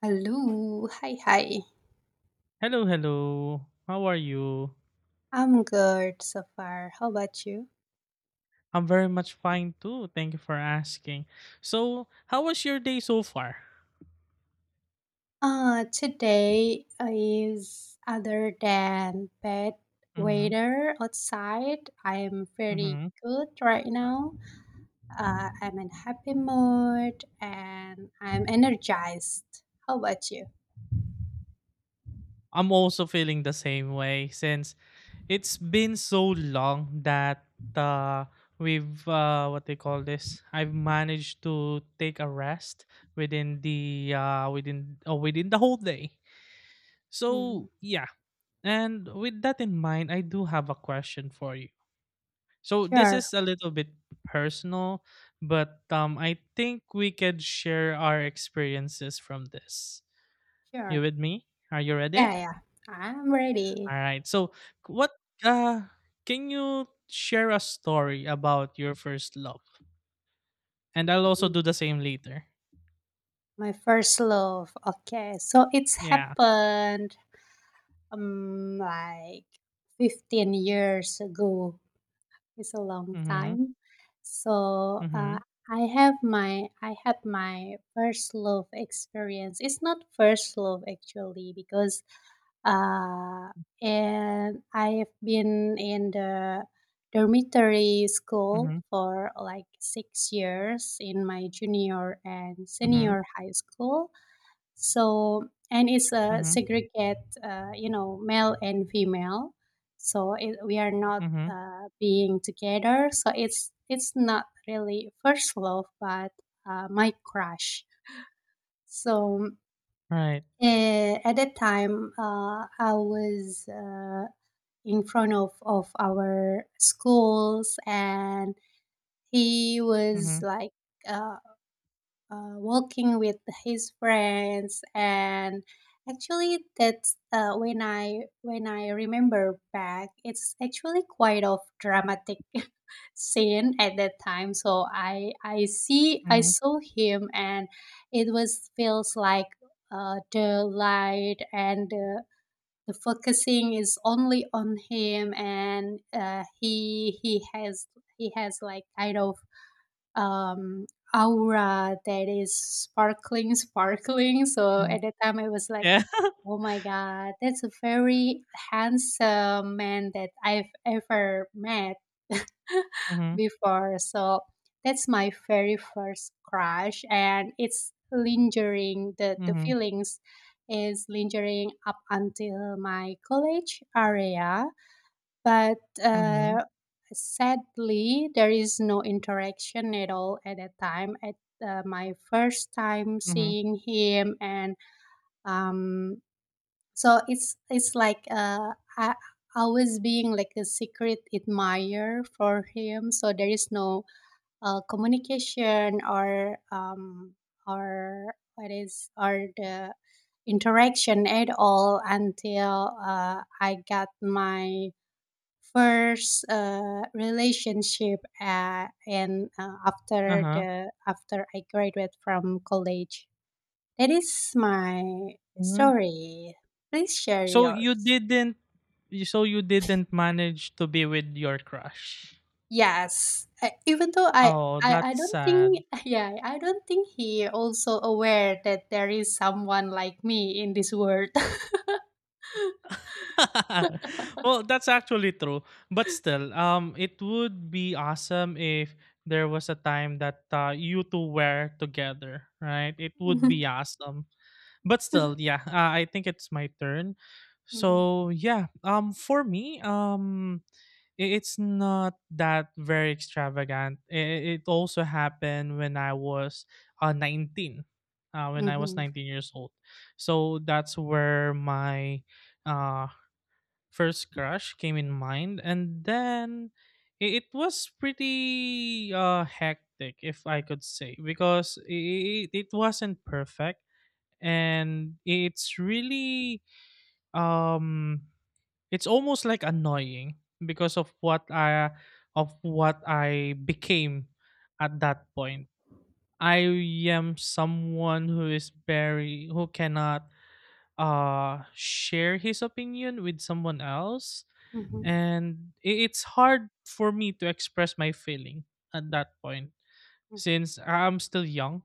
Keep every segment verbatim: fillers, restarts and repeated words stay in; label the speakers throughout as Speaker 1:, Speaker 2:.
Speaker 1: Hello, hi, hi.
Speaker 2: Hello, hello. How are you?
Speaker 1: I'm good so far. How about you?
Speaker 2: I'm very much fine too. Thank you for asking. So, how was your day so far?
Speaker 1: Uh, today is other than bad
Speaker 2: Mm-hmm.
Speaker 1: weather outside. I'm very
Speaker 2: Mm-hmm.
Speaker 1: good right now. Uh, I'm in happy mood and I'm energized. How about you?
Speaker 2: I'm also feeling the same way since it's been so long that uh, we've uh, what they call this. I've managed to take a rest within the uh, within uh, within the whole day.
Speaker 1: Mhm.
Speaker 2: So yeah, and with that in mind, I do have a question for you. So this
Speaker 1: Sure,
Speaker 2: is a little bit personal, but um, I think we could share our experiences from this. You
Speaker 1: sure.
Speaker 2: with me? Are you
Speaker 1: Yeah,
Speaker 2: ready?
Speaker 1: yeah. I'm ready.
Speaker 2: All right. So what uh, can you share a story about your first love? And I'll also
Speaker 1: Mm.
Speaker 2: do the same later.
Speaker 1: My first love. Okay, so it's
Speaker 2: Yeah.
Speaker 1: happened. Um like fifteen years ago, it's a long
Speaker 2: Mhm.
Speaker 1: time, so uh,
Speaker 2: Mhm.
Speaker 1: i have my i had my first love experience. It's not first love actually because uh and I've been in the dormitory school
Speaker 2: Mhm.
Speaker 1: for like six years in my junior and
Speaker 2: Mhm.
Speaker 1: senior high school. So, and it's a
Speaker 2: Mhm.
Speaker 1: segregate, uh, you know, male and female. So, it, we are not
Speaker 2: Mhm.
Speaker 1: uh, being together, so it's it's not really first love, but uh, my crush. So
Speaker 2: Right.
Speaker 1: uh, at that time, uh, I was uh, in front of, of our schools, and he was
Speaker 2: Mhm.
Speaker 1: like uh, uh, walking with his friends. And actually, that's uh, when i when i remember back, it's actually quite of dramatic scene at that time. So i i see i
Speaker 2: Mhm.
Speaker 1: saw him, and it was feels like uh, the light and the, the focusing is only on him. And uh, he he has he has like kind of um, aura that is sparkling, sparkling. So
Speaker 2: Mhm.
Speaker 1: at the time, I was like,
Speaker 2: Yeah.
Speaker 1: oh my God, that's a very handsome man that I've ever met
Speaker 2: Mhm.
Speaker 1: before. So that's my very first crush, and it's lingering. The, the
Speaker 2: Mhm.
Speaker 1: feelings is lingering up until my college area, but
Speaker 2: Mhm.
Speaker 1: uh, sadly, there is no interaction at all at that time. At uh, my first time
Speaker 2: Mhm.
Speaker 1: seeing him. And um, so it's it's like uh, I I was being like a secret admirer for him. So there is no uh, communication or um, or what is or the interaction at all until uh, I got my first uh, relationship, uh, and uh, after
Speaker 2: Uh
Speaker 1: the after I graduate from college. That is my
Speaker 2: huh.
Speaker 1: story. Please share
Speaker 2: So you
Speaker 1: yours.
Speaker 2: didn't so you didn't manage to be with your crush?
Speaker 1: Yes, uh, even though I,
Speaker 2: Oh,
Speaker 1: I I
Speaker 2: that's
Speaker 1: don't
Speaker 2: sad.
Speaker 1: think, yeah, I don't think he also aware that there is someone like me in this world.
Speaker 2: Well, that's actually true. But still, um, it would be awesome if there was a time that uh, you two were together, right? It would
Speaker 1: Mhm.
Speaker 2: be awesome. But still, yeah, uh, I think it's my turn.
Speaker 1: Mhm.
Speaker 2: So yeah, um, for me, um, i- it's not that very extravagant. It, it also happened when I was uh, nineteen, uh, when I was
Speaker 1: Mhm.
Speaker 2: nineteen years old. So that's where my uh, first crush came in mind. And then i- it was pretty uh, hectic, if I could say, because it, it wasn't perfect and it's really um it's almost like annoying because of what I of what I became at that point. I am someone who is very, who cannot uh share his opinion with someone else,
Speaker 1: Mhm.
Speaker 2: and i- it's hard for me to express my feeling at that point since I'm still young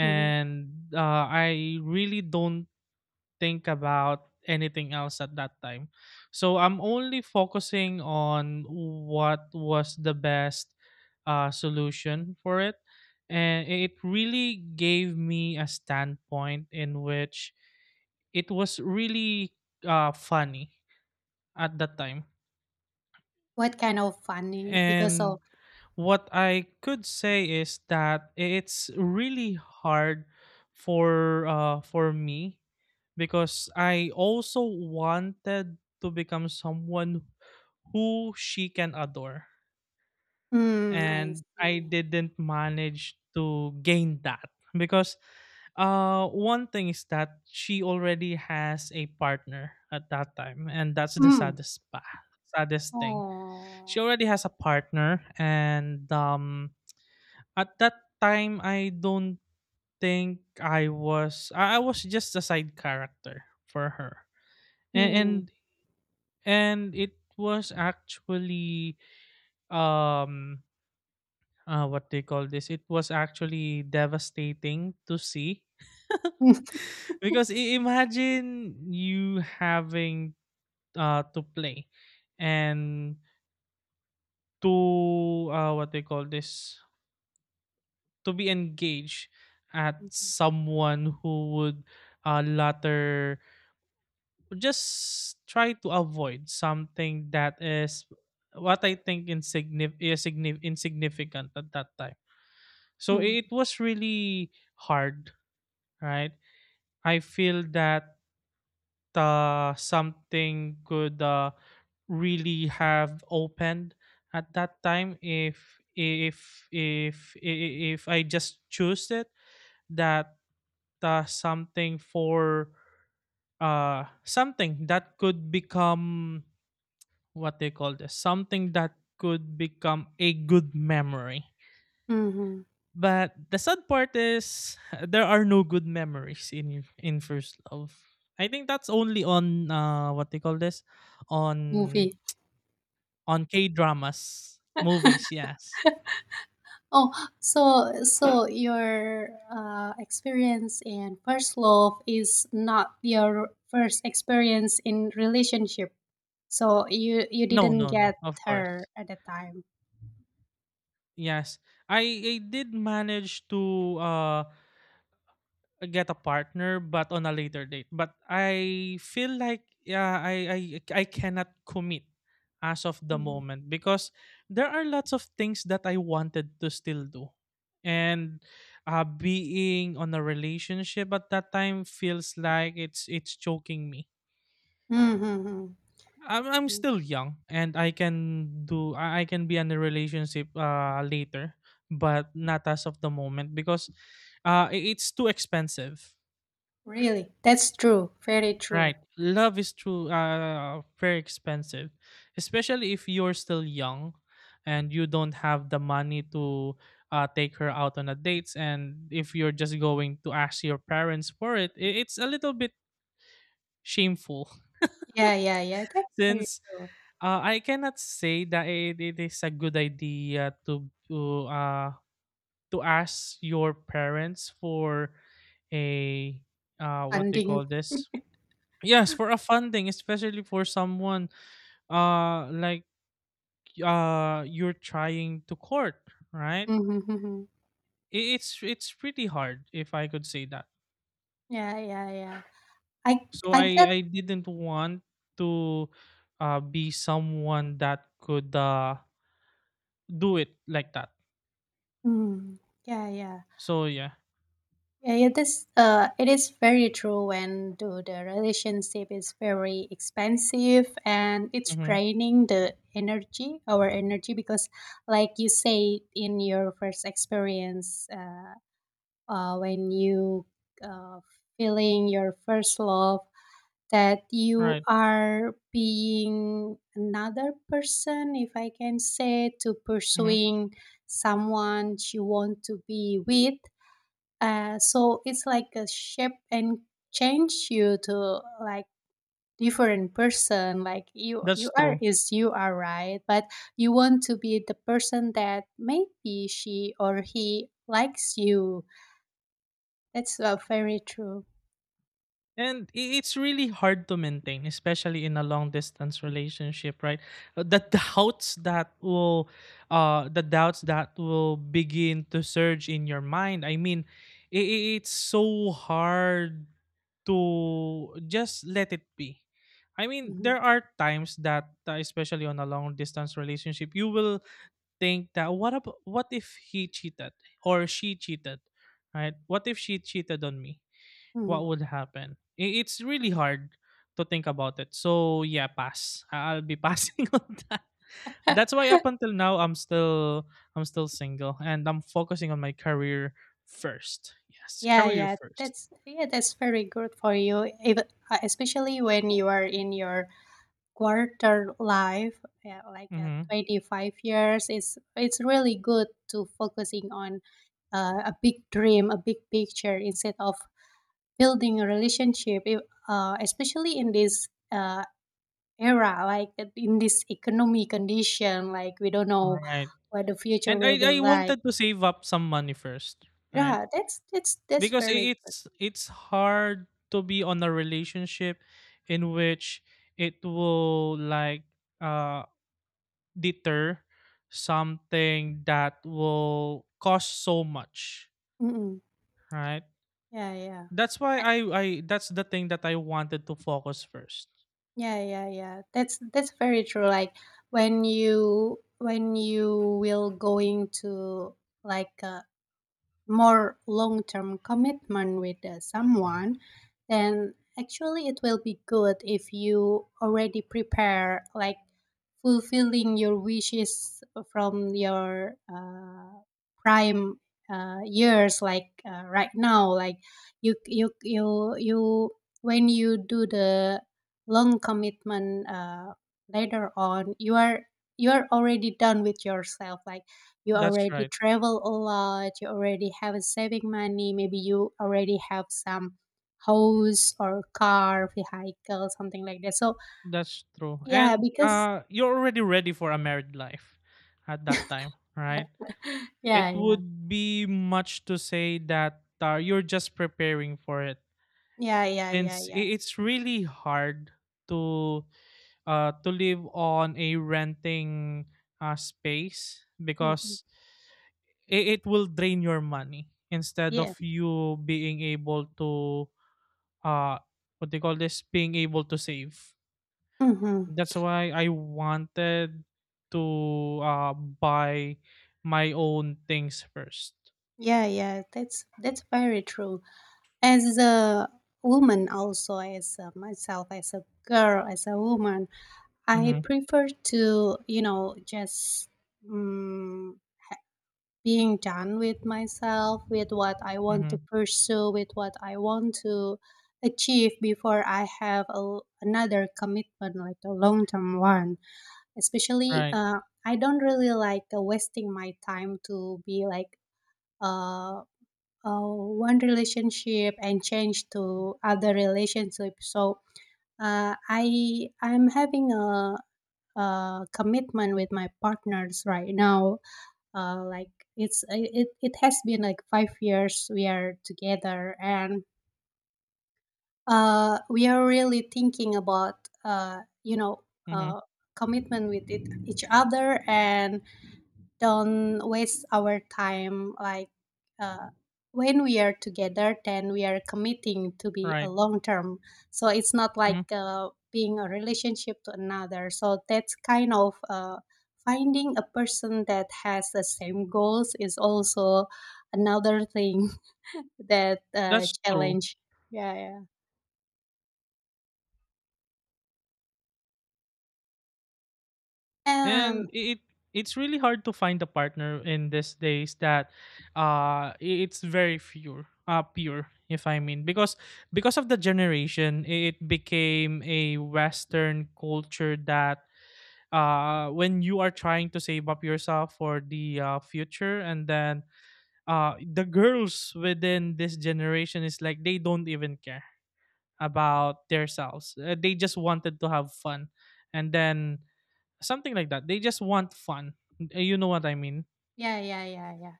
Speaker 1: Mhm.
Speaker 2: uh, I really don't think about anything else at that time. So I'm only focusing on what was the best uh, solution for it. And it really gave me a standpoint in which it was really uh, funny at that time.
Speaker 1: What kind of funny because of.
Speaker 2: And what I could say is that it's really hard for uh, for me because I also wanted to become someone who she can adore,
Speaker 1: Mm, I
Speaker 2: and I
Speaker 1: see.
Speaker 2: didn't manage to gain that because uh one thing is that she already has a partner at that time, and that's the
Speaker 1: Mm.
Speaker 2: saddest pa- saddest thing. She
Speaker 1: Oh,
Speaker 2: already has a partner, and um, at that time, I don't think I was. I I was just a side character for her, and
Speaker 1: hum,
Speaker 2: and, and it was actually um uh, what they call this. It was actually devastating to see,
Speaker 1: hum,
Speaker 2: because i- imagine you having uh to play and to uh what they call this to be engaged at
Speaker 1: hum,
Speaker 2: someone who would uh, latter just try to avoid something that is what I think insignif- is signif- insignificant at that time. So
Speaker 1: hum,
Speaker 2: it was really hard, right? I feel that uh, something could uh, really have opened at that time if if if if, if I just choose it, that uh, something for uh something that could become what they call this something that could become a good memory,
Speaker 1: hum, hum.
Speaker 2: but the sad part is there are no good memories in in first love. I think that's only on uh what they call this on
Speaker 1: Movie.
Speaker 2: on k dramas movies. Yes.
Speaker 1: Oh, so so your uh, experience in first love is not your first experience in relationship. So you you
Speaker 2: no
Speaker 1: didn't
Speaker 2: no
Speaker 1: get
Speaker 2: no of
Speaker 1: her
Speaker 2: course.
Speaker 1: at the time.
Speaker 2: Yes, i i did manage to uh get a partner, but on a later date. But I feel like yeah, i i i cannot commit as of the
Speaker 1: Mm-hmm.
Speaker 2: moment because there are lots of things that I wanted to still do, and uh being on a relationship at that time feels like it's it's choking me.
Speaker 1: Mm-hmm. Mm-hmm.
Speaker 2: i'm, I'm still young and i can do i I can be in a relationship uh later, but not as of the moment, because uh i- it's too expensive.
Speaker 1: Really, that's true, very true.
Speaker 2: Right. Love is true, uh very expensive. Especially if you're still young and you don't have the money to uh take her out on a dates, and if you're just going to ask your parents for it, i- it's a little bit shameful.
Speaker 1: Yeah, yeah, yeah, that's very
Speaker 2: Since
Speaker 1: true.
Speaker 2: uh, I cannot say that it, it is a good idea to to uh to ask your parents for a uh what they
Speaker 1: Funding.
Speaker 2: call this yes, for a funding, especially for someone uh like uh you're trying to court, right?
Speaker 1: Mhm, mhm.
Speaker 2: I- it's it's pretty hard, if I could say that.
Speaker 1: Yeah, yeah, yeah. I
Speaker 2: So
Speaker 1: I
Speaker 2: i
Speaker 1: get.
Speaker 2: i didn't want to uh be someone that could uh do it like that.
Speaker 1: Mm, yeah, yeah.
Speaker 2: So yeah.
Speaker 1: Yeah, yeah, this uh it is very true when the, the relationship is very expensive and it's
Speaker 2: Mm-hmm.
Speaker 1: draining the energy, our energy, because like you say in your first experience, uh, uh when you uh feeling your first love, that you
Speaker 2: Right.
Speaker 1: are being another person, if I can say, to
Speaker 2: Mm-hmm.
Speaker 1: pursuing someone you want to be with. Uh, so it's like a shape and change you to like different person, like you you
Speaker 2: That's
Speaker 1: are
Speaker 2: true.
Speaker 1: is you are right, but you want to be the person that maybe she or he likes you. That's uh, very true.
Speaker 2: And i- it's really hard to maintain, especially in a long distance relationship, right? Uh, the doubts that will, uh, the doubts that will begin to surge in your mind. I mean, i i- it's so hard to just let it be. I mean,
Speaker 1: Mhm,
Speaker 2: there are times that, uh, especially on a long distance relationship, you will think that, what about, what if he cheated or she cheated, right? What if she cheated on me?
Speaker 1: mhm.
Speaker 2: What would happen? I- It's really hard to think about it. So yeah, pass. I- I'll be passing on that. That's why up until now I'm still I'm still single and I'm focusing on my career first. Yes,
Speaker 1: Yeah,
Speaker 2: career
Speaker 1: yeah,
Speaker 2: first.
Speaker 1: that's yeah, that's very good for you, even uh, especially when you are in your quarter life, yeah, like at
Speaker 2: Mm-hmm.
Speaker 1: twenty-five years. It's it's really good to focusing on uh, a big dream, a big picture, instead of building a relationship. If, uh, especially in this uh, era, like uh, in this economy condition, like we don't know
Speaker 2: Right.
Speaker 1: what the future
Speaker 2: And
Speaker 1: will
Speaker 2: I
Speaker 1: be
Speaker 2: I
Speaker 1: like.
Speaker 2: wanted to save up some money first, right?
Speaker 1: Yeah, that's that's that's
Speaker 2: Because
Speaker 1: very
Speaker 2: i-
Speaker 1: good.
Speaker 2: it's it's hard to be on a relationship in which it will like uh deter something that will cost so much,
Speaker 1: Mm-mm.
Speaker 2: right?
Speaker 1: Yeah, yeah,
Speaker 2: That's why
Speaker 1: A-
Speaker 2: I I that's the thing that I wanted to focus first.
Speaker 1: yeah, yeah, yeah. That's that's very true. Like when you when you will going to like a more long term commitment with uh, someone, then actually it will be good if you already prepare like fulfilling your wishes from your uh, prime uh, years, like uh, right now. Like you you you you when you do the long commitment, uh, later on you are you are already done with yourself. Like you
Speaker 2: That's
Speaker 1: already
Speaker 2: right.
Speaker 1: travel a lot, you already have a saving money, maybe you already have some house or car vehicle, something like that. So
Speaker 2: That's true.
Speaker 1: yeah,
Speaker 2: And
Speaker 1: because
Speaker 2: uh you're already ready for a married life at that time, right?
Speaker 1: yeah,
Speaker 2: It
Speaker 1: yeah,
Speaker 2: would be much to say that uh, you're just preparing for it,
Speaker 1: yeah, yeah. Yeah,
Speaker 2: since
Speaker 1: yeah.
Speaker 2: i- it's really hard to uh, to live on a renting uh, space,
Speaker 1: Hmm,
Speaker 2: because it, it will drain your money instead
Speaker 1: yeah.
Speaker 2: of you being able to uh what they call this being able to save.
Speaker 1: Hmm.
Speaker 2: That's why I wanted to uh buy my own things first.
Speaker 1: Yeah, yeah, that's that's very true. As a woman, also as uh, myself, as a girl, as a woman, I
Speaker 2: Mm-hmm.
Speaker 1: prefer to you know just mm being done with myself, with what I want to
Speaker 2: Mm-hmm.
Speaker 1: pursue, with what I want to achieve before I have a, another commitment, like a long term one. Especially,
Speaker 2: Right.
Speaker 1: uh, I don't really like uh, wasting my time to be like uh, uh, one relationship and change to other relationship. So uh, I I'm having a, a commitment with my partners right now, uh, like it's it, it has been like five years we are together. And uh, we are really thinking about uh, you know
Speaker 2: Mhm.
Speaker 1: uh, commitment with it, each other, and don't waste our time. Like uh, when we are together, then we are committing to be a
Speaker 2: Right.
Speaker 1: long term. So it's not
Speaker 2: Mhm.
Speaker 1: like uh, being a relationship to another. So that's kind of uh, finding a person that has the same goals is also another thing that uh,
Speaker 2: That's true.
Speaker 1: challenge. Yeah, yeah. And.
Speaker 2: And i- it it's really hard to find a partner in these days that uh i- it's very pure. Uh pure, if I mean. Because because of the generation, i- it became a western culture that uh when you are trying to save up yourself for the uh, future, and then uh the girls within this generation is like they don't even care about themselves. Uh, they just wanted to have fun. And then something like that. They just want fun. Uh, You know what I mean?
Speaker 1: Yeah, yeah, yeah, yeah.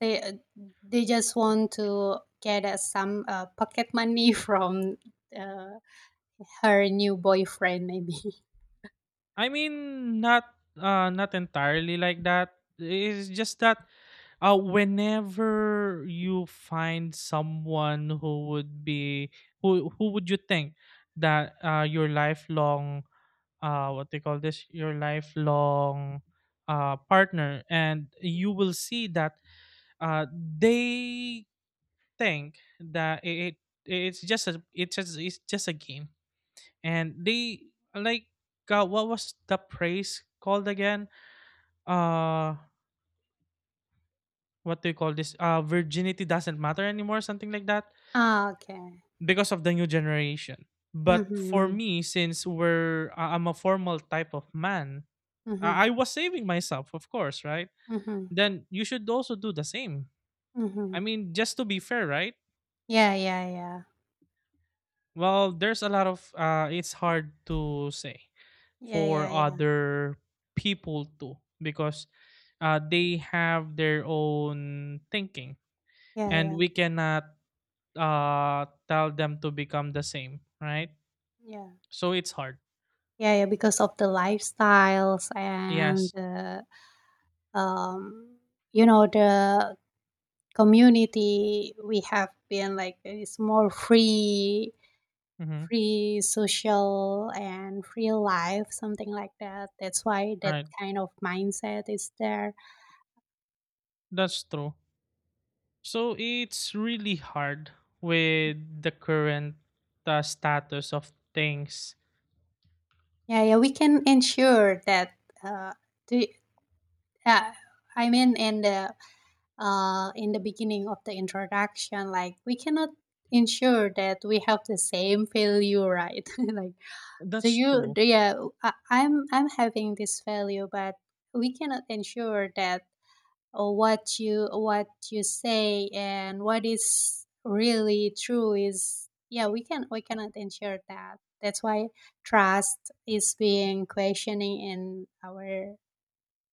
Speaker 1: They uh, they just want to get uh, some uh, pocket money from uh, her new boyfriend, maybe.
Speaker 2: I mean not uh not entirely like that. It's just that uh whenever you find someone who would be, who who would you think that uh your lifelong uh what they call this your lifelong uh partner, and you will see that uh they think that it, it it's just a it's just it's just a game, and they like, uh, what was the phrase called again? Uh, what do you call this? Uh, virginity doesn't matter anymore, something like that,
Speaker 1: Ah, okay.
Speaker 2: because of the new generation. But for
Speaker 1: Mm-hmm.
Speaker 2: me, since we're uh, I'm a formal type of man,
Speaker 1: Mm-hmm.
Speaker 2: I I was saving myself, of course, right?
Speaker 1: Mm-hmm.
Speaker 2: Then you should also do the same. I
Speaker 1: Mm-hmm.
Speaker 2: mean, just to be fair, right?
Speaker 1: Yeah, yeah, yeah.
Speaker 2: Well, there's a lot of uh it's hard to say
Speaker 1: Yeah,
Speaker 2: for
Speaker 1: yeah, yeah.
Speaker 2: other people too, because uh, they have their own thinking
Speaker 1: Yeah,
Speaker 2: and
Speaker 1: yeah,
Speaker 2: we cannot uh, tell them to become the same, right?
Speaker 1: yeah.
Speaker 2: So it's hard.
Speaker 1: Yeah, yeah, because of the lifestyles and
Speaker 2: Yes.
Speaker 1: the, um, you know, the community we have been like, it's more free,
Speaker 2: Mm-hmm.
Speaker 1: free social and free life, something like that. That's why that
Speaker 2: Right.
Speaker 1: kind of mindset is there.
Speaker 2: That's true. So it's really hard with the current uh, status of things.
Speaker 1: Yeah, yeah, we can ensure that. Uh, the, uh, I mean, in the uh, in the beginning of the introduction, like we cannot ensure that we have the same value, right? Like, so
Speaker 2: That's
Speaker 1: you,
Speaker 2: true.
Speaker 1: yeah, I, I'm, I'm having this value, but we cannot ensure that uh, what you, what you say and what is really true is, yeah, we can, we cannot ensure that. That's why trust is being questioning in our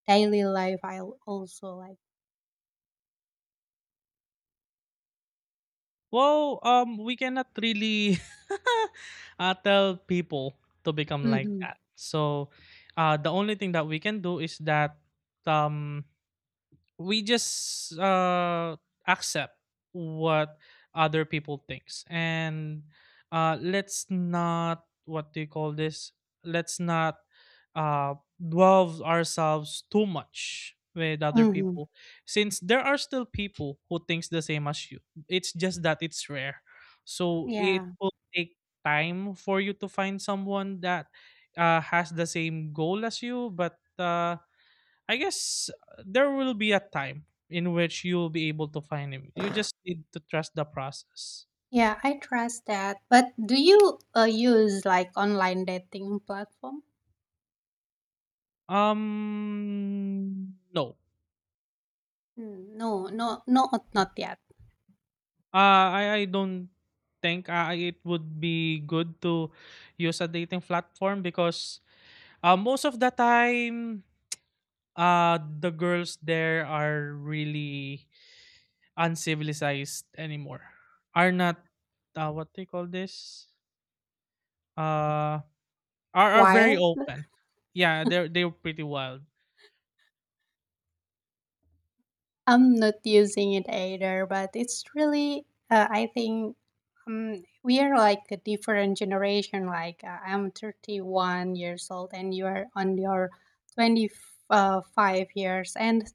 Speaker 1: daily life. I also like.
Speaker 2: Well, um, we cannot really uh, tell people to become like
Speaker 1: Mm-hmm.
Speaker 2: that. So, uh, the only thing that we can do is that um, we just uh accept what other people thinks, and uh let's not, what do you call this let's not uh dwell ourselves too much with other
Speaker 1: Mm-hmm.
Speaker 2: people, since there are still people who thinks the same as you. It's just that it's rare, so it
Speaker 1: Yeah.
Speaker 2: will take time for you to find someone that uh, has the same goal as you, but uh I guess uh, there will be a time in which you will be able to find him. You just need to trust the process.
Speaker 1: Yeah, I trust that. But do you uh, use like online dating platform?
Speaker 2: Um, no.
Speaker 1: Hmm. No, no, not not yet.
Speaker 2: Uh, I, I don't think uh, it would be good to use a dating platform because, uh, most of the time, uh, the girls there are really uncivilized anymore. Are not, uh, what they call this? Uh, Are are very
Speaker 1: While
Speaker 2: open. Yeah, they're they're pretty wild.
Speaker 1: I'm not using it either, but it's really uh, I think um, we are like a different generation. Like uh, I'm thirty-one years old, and you are on your twenty-five years, and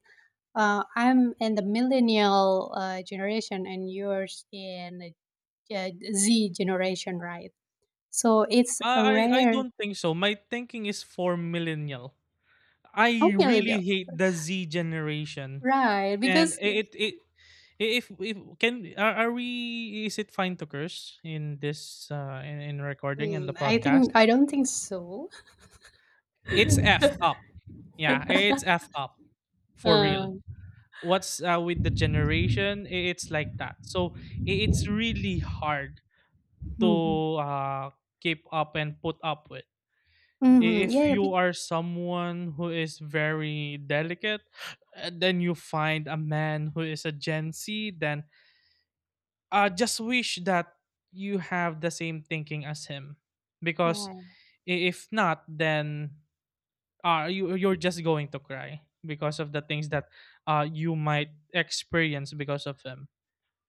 Speaker 1: uh, I'm in the millennial uh, generation, and yours in the uh, Z generation, right? So it's
Speaker 2: I
Speaker 1: a
Speaker 2: I I
Speaker 1: rare.
Speaker 2: don't think so. My thinking is for millennial. I
Speaker 1: Only really?
Speaker 2: really
Speaker 1: No.
Speaker 2: hate the Z generation.
Speaker 1: Right,
Speaker 2: And
Speaker 1: because
Speaker 2: it it I- if if can, are, are we, is it fine to curse in this uh in, in recording and the
Speaker 1: mm, I think I
Speaker 2: podcast?
Speaker 1: don't think so.
Speaker 2: It's F up. Yeah, it's F up for real.
Speaker 1: Um,
Speaker 2: What's uh, with the generation? i- It's like that. So i- it's really hard to
Speaker 1: hmm,
Speaker 2: uh, keep up and put up with. I-
Speaker 1: hmm. Yeah,
Speaker 2: If
Speaker 1: yeah,
Speaker 2: you
Speaker 1: be,
Speaker 2: are someone who is very delicate, uh, then you find a man who is a Gen Z, then uh, just wish that you have the same thinking as him. Because
Speaker 1: yeah.
Speaker 2: i- if not, then uh, you, you're just going to cry because of the things that uh, you might experience because of him.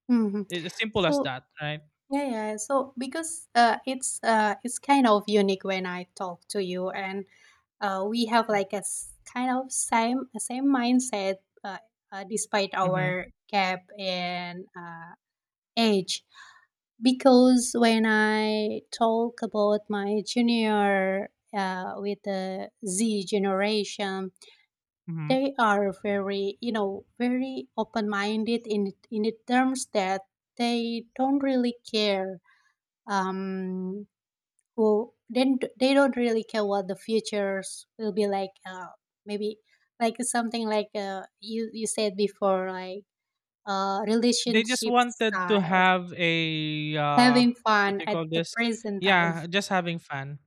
Speaker 1: Hmm.
Speaker 2: It's simple as
Speaker 1: So
Speaker 2: that, right?
Speaker 1: yeah, yeah. Yeah, so because uh, it's uh, it's kind of unique when I talk to you, and uh, we have like a s- kind of same same mindset, uh, uh, despite
Speaker 2: Mm-hmm.
Speaker 1: our gap in uh, age. Because when I talk about my junior uh, with the Z generation,
Speaker 2: Mm-hmm.
Speaker 1: they are very, you know, very open-minded in in the terms that they don't really care. Um, who then they they don't really care what the futures will be like. Uh, maybe like something like uh, you you said before, like uh,
Speaker 2: They just
Speaker 1: relationship
Speaker 2: wanted to
Speaker 1: styles,
Speaker 2: have a, uh,
Speaker 1: having
Speaker 2: what
Speaker 1: fun
Speaker 2: do you
Speaker 1: at
Speaker 2: call
Speaker 1: the
Speaker 2: this?
Speaker 1: present time.
Speaker 2: Yeah, just having fun.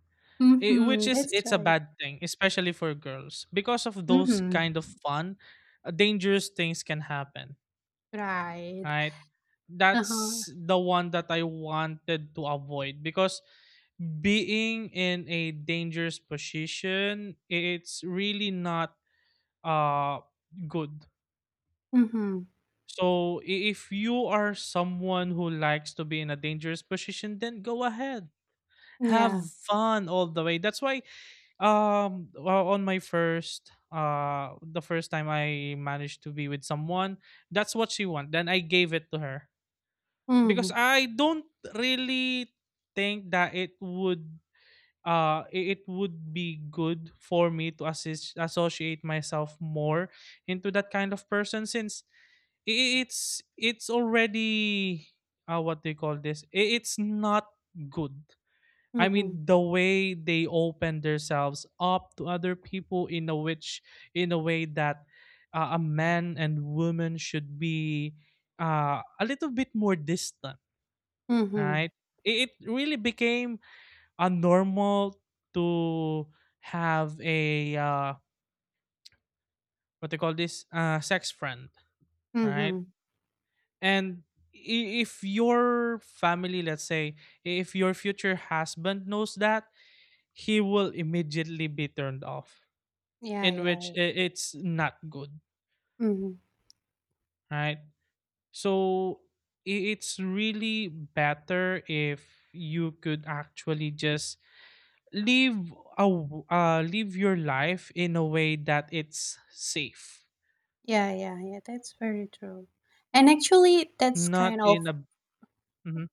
Speaker 2: I which
Speaker 1: Mhm,
Speaker 2: is
Speaker 1: that's
Speaker 2: it's a
Speaker 1: right.
Speaker 2: bad thing, especially for girls. Because of those
Speaker 1: Mhm.
Speaker 2: kind of fun, uh, dangerous things can happen,
Speaker 1: Right.
Speaker 2: right?
Speaker 1: Uh-huh.
Speaker 2: That's the one that I wanted to avoid because being in a dangerous position, it's really not uh good.
Speaker 1: Mhm.
Speaker 2: So i- if you are someone who likes to be in a dangerous position, then go ahead. Have
Speaker 1: Yeah.
Speaker 2: fun all the way. That's why um well, on my first uh the first time I managed to be with someone, that's what she want. Then I gave it to her. Because
Speaker 1: Mhm.
Speaker 2: I don't really think that it would uh i- it would be good for me to assist associate myself more into that kind of person since it's it's already uh, what they call this I- it's not good. I
Speaker 1: Mhm.
Speaker 2: mean, the way they open themselves up to other people in a which in a way that uh, a man and woman should be uh, a little bit more distant,
Speaker 1: Mhm.
Speaker 2: right. It, it really became a normal to have a uh, what they call this uh, sex friend, right.
Speaker 1: Mhm.
Speaker 2: And i- if your family, let's say, if your future husband knows that, he will immediately be turned off,
Speaker 1: Yeah,
Speaker 2: in which
Speaker 1: yeah.
Speaker 2: i- it's not good,
Speaker 1: Mhm.
Speaker 2: right? So i- it's really better if you could actually just live a, w- uh, live your life in a way that it's safe,
Speaker 1: Yeah, yeah, yeah. That's very true. And actually that's
Speaker 2: not
Speaker 1: kind
Speaker 2: in
Speaker 1: of
Speaker 2: a. Mhm.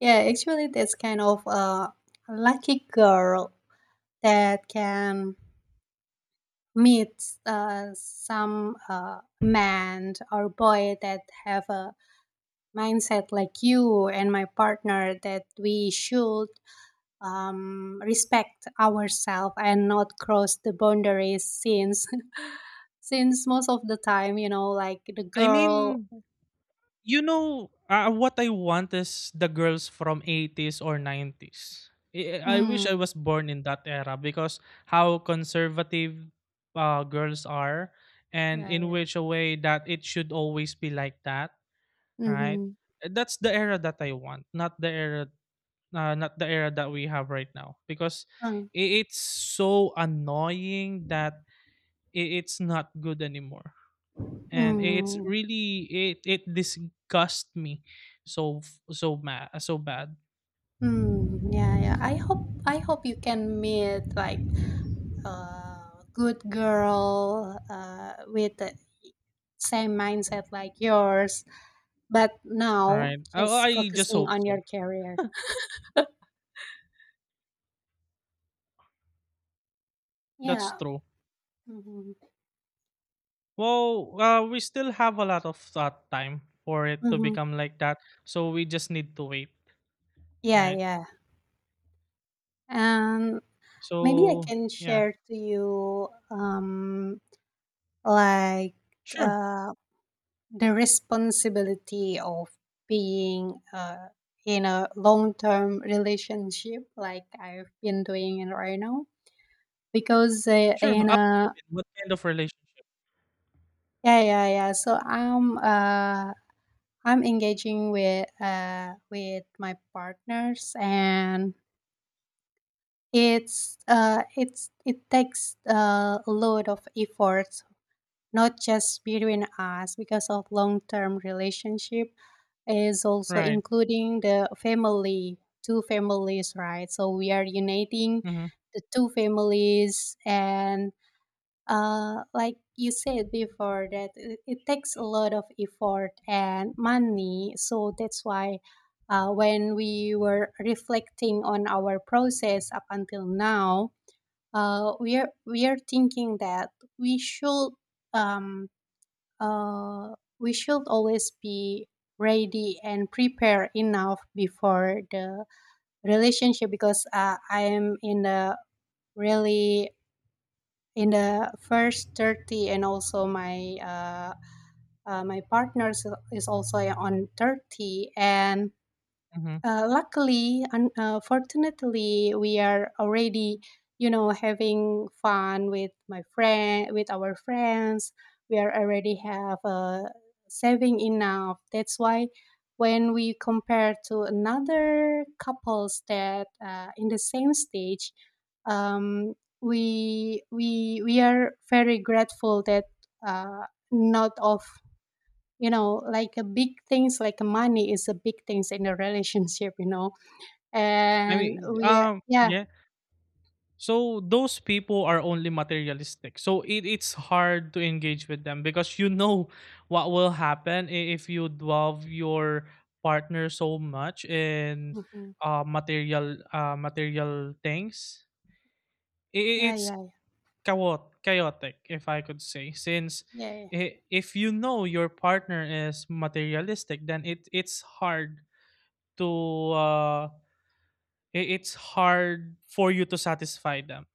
Speaker 1: Yeah, actually, that's kind of a lucky girl that can meet uh some uh man or boy that have a mindset like you and my partner, that we should um, respect ourselves and not cross the boundaries, since since most of the time, you know, like the
Speaker 2: I
Speaker 1: girl.
Speaker 2: mean, you know, uh, what I want is the girls from eighties or nineties. I, I wish I
Speaker 1: Mm.
Speaker 2: was born in that era because how conservative uh, girls are, and
Speaker 1: Yeah,
Speaker 2: in
Speaker 1: yeah.
Speaker 2: which a way that it should always be like that, right?
Speaker 1: Mm-hmm.
Speaker 2: That's the era that I want, not the era uh, not the era that we have right now because
Speaker 1: uh,
Speaker 2: i- it's so annoying that i- it's not good anymore, and it's
Speaker 1: mm.
Speaker 2: really it it disgusts me so f- so ma- so bad.
Speaker 1: Mm, yeah, yeah, I hope I hope you can meet like a good girl uh, with the same mindset like yours, but
Speaker 2: All
Speaker 1: now
Speaker 2: right, I,
Speaker 1: just
Speaker 2: I just
Speaker 1: focusing
Speaker 2: hope
Speaker 1: on your
Speaker 2: so.
Speaker 1: career.
Speaker 2: That's
Speaker 1: Yeah.
Speaker 2: true.
Speaker 1: Mm-hmm.
Speaker 2: Well, uh, we still have a lot of uh, time for it to
Speaker 1: Mm-hmm.
Speaker 2: become like that, so we just need to wait. All
Speaker 1: Yeah,
Speaker 2: right.
Speaker 1: yeah. Um, Maybe I
Speaker 2: So
Speaker 1: can
Speaker 2: yeah.
Speaker 1: share to you um, like
Speaker 2: Sure.
Speaker 1: uh, the responsibility of being uh, in a long-term relationship, like I've been doing it right now. Because uh,
Speaker 2: Sure,
Speaker 1: in
Speaker 2: I'll —
Speaker 1: a,
Speaker 2: what kind of relationship?
Speaker 1: yeah, yeah, yeah. So I'm uh, I'm engaging with uh, with my partners, and it's uh it's it takes uh, a lot of effort, not just between us, because of long-term relationship is also
Speaker 2: Right.
Speaker 1: including the family, two families, right? So we are uniting
Speaker 2: Mm-hmm.
Speaker 1: the two families. And uh like you said before, that it, it takes a lot of effort and money. So that's why uh, when we were reflecting on our process up until now, uh, we are we are thinking that we should um, uh, we should always be ready and prepare enough before the relationship. Because uh, I am in the really in the first thirty, and also my uh, uh, my partner is is also on thirty. And
Speaker 2: Mm-hmm.
Speaker 1: uh, luckily and uh, fortunately, we are already, you know, having fun with my friend with our friends, we are already have uh, saving enough. That's why when we compare to another couples that uh, in the same stage, um, we we we are very grateful that uh, not of, you know, like a big things, like money is a big things in a relationship, you know,
Speaker 2: i
Speaker 1: and
Speaker 2: mean
Speaker 1: we are,
Speaker 2: um
Speaker 1: yeah.
Speaker 2: yeah So those people are only materialistic. So it, it's hard to engage with them, because you know what will happen i- if you love your partner so much in
Speaker 1: Mhm.
Speaker 2: uh, material uh, material things. I- i-
Speaker 1: Yeah,
Speaker 2: It's
Speaker 1: yeah,
Speaker 2: chaot- chaotic, if I could say, since
Speaker 1: yeah, yeah.
Speaker 2: i- if you know your partner is materialistic, then it it's hard to uh, i- it's hard for you to satisfy them,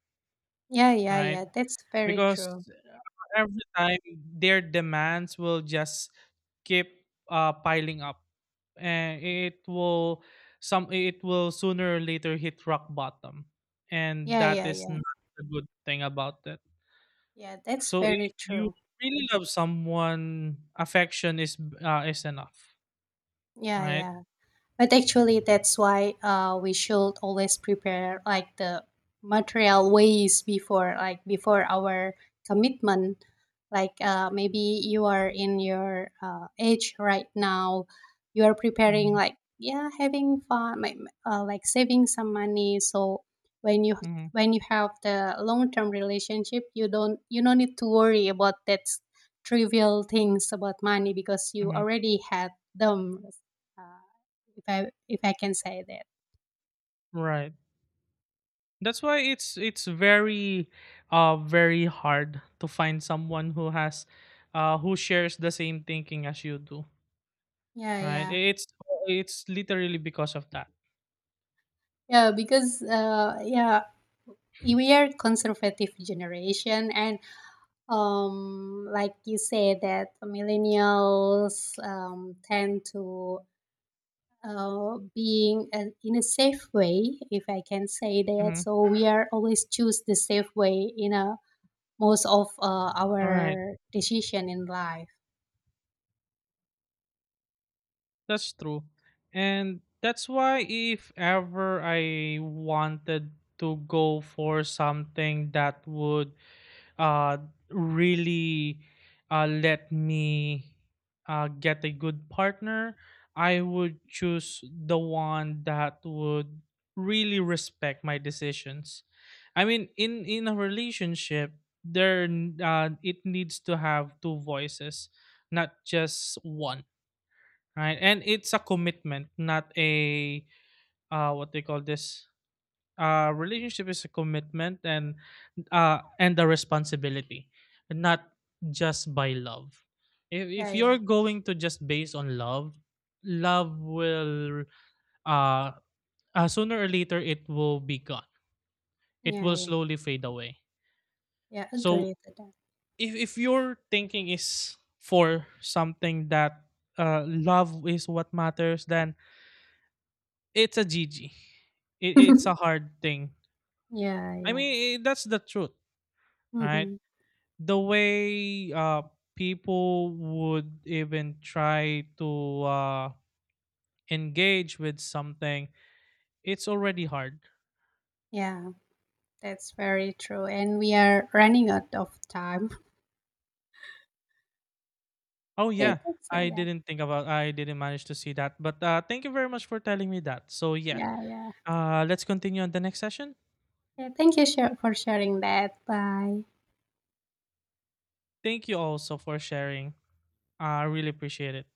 Speaker 1: Yeah, yeah,
Speaker 2: right?
Speaker 1: yeah, that's very
Speaker 2: Because
Speaker 1: true.
Speaker 2: every time their demands will just keep uh, piling up, and it will some it will sooner or later hit rock bottom, and
Speaker 1: Yeah,
Speaker 2: that
Speaker 1: yeah,
Speaker 2: is
Speaker 1: yeah,
Speaker 2: not a good thing about it.
Speaker 1: yeah, that's
Speaker 2: So if
Speaker 1: very
Speaker 2: you
Speaker 1: true.
Speaker 2: really love someone, affection is uh, is enough,
Speaker 1: Yeah,
Speaker 2: right?
Speaker 1: yeah. But actually, that's why uh, we should always prepare like the material ways before, like before our commitment. Like uh, maybe you are in your uh, age right now, you are preparing
Speaker 2: Hmm.
Speaker 1: like, yeah, having fun, like, uh, like saving some money. So when you
Speaker 2: Hmm.
Speaker 1: when you have the long term relationship, you don't, you don't need to worry about that trivial things about money because you
Speaker 2: Hmm.
Speaker 1: already had them. Uh, if, I if I can say that.
Speaker 2: Right, that's why it's it's very uh very hard to find someone who has uh who shares the same thinking as you do.
Speaker 1: Yeah,
Speaker 2: Right,
Speaker 1: yeah,
Speaker 2: it's it's literally because of that.
Speaker 1: yeah. Because uh, yeah, we are conservative generation, and um, like you say that millennials um tend to uh being uh, in a safe way, if I can say that.
Speaker 2: Mhm.
Speaker 1: So we are always choose the safe way in a most of uh,
Speaker 2: alright,
Speaker 1: our decision in life.
Speaker 2: that's true, and that's why if ever I wanted to go for something that would uh, really uh, let me uh, get a good partner, I would choose the one that would really respect my decisions. I mean, in in a relationship, there n- uh, it needs to have two voices, not just one, right? And it's a commitment, not a uh, what they call this. Uh, relationship is a commitment, and uh, and the responsibility, not just by love. If, if
Speaker 1: Yeah,
Speaker 2: you're
Speaker 1: yeah,
Speaker 2: going to just base on love, love will uh, uh sooner or later it will be gone. It
Speaker 1: yeah,
Speaker 2: will
Speaker 1: yeah,
Speaker 2: slowly fade away.
Speaker 1: yeah. Agree
Speaker 2: So
Speaker 1: to that.
Speaker 2: if if your thinking is for something that uh, love is what matters, then it's a G G. It, it's a hard thing.
Speaker 1: Yeah,
Speaker 2: I
Speaker 1: yeah.
Speaker 2: mean, I that's the truth, right?
Speaker 1: Mm-hmm.
Speaker 2: The way uh, people would even try to uh, engage with something, it's already hard.
Speaker 1: Yeah. That's very true. And we are running out of time.
Speaker 2: Oh
Speaker 1: Yeah,
Speaker 2: yeah,
Speaker 1: that's, uh,
Speaker 2: I
Speaker 1: yeah,
Speaker 2: didn't think about. I didn't manage to see that. But uh, thank you very much for telling me that. So yeah,
Speaker 1: yeah, yeah.
Speaker 2: uh, let's continue on the next session.
Speaker 1: Yeah, thank you shar- for sharing that. Bye.
Speaker 2: Thank you also for sharing. I really appreciate it.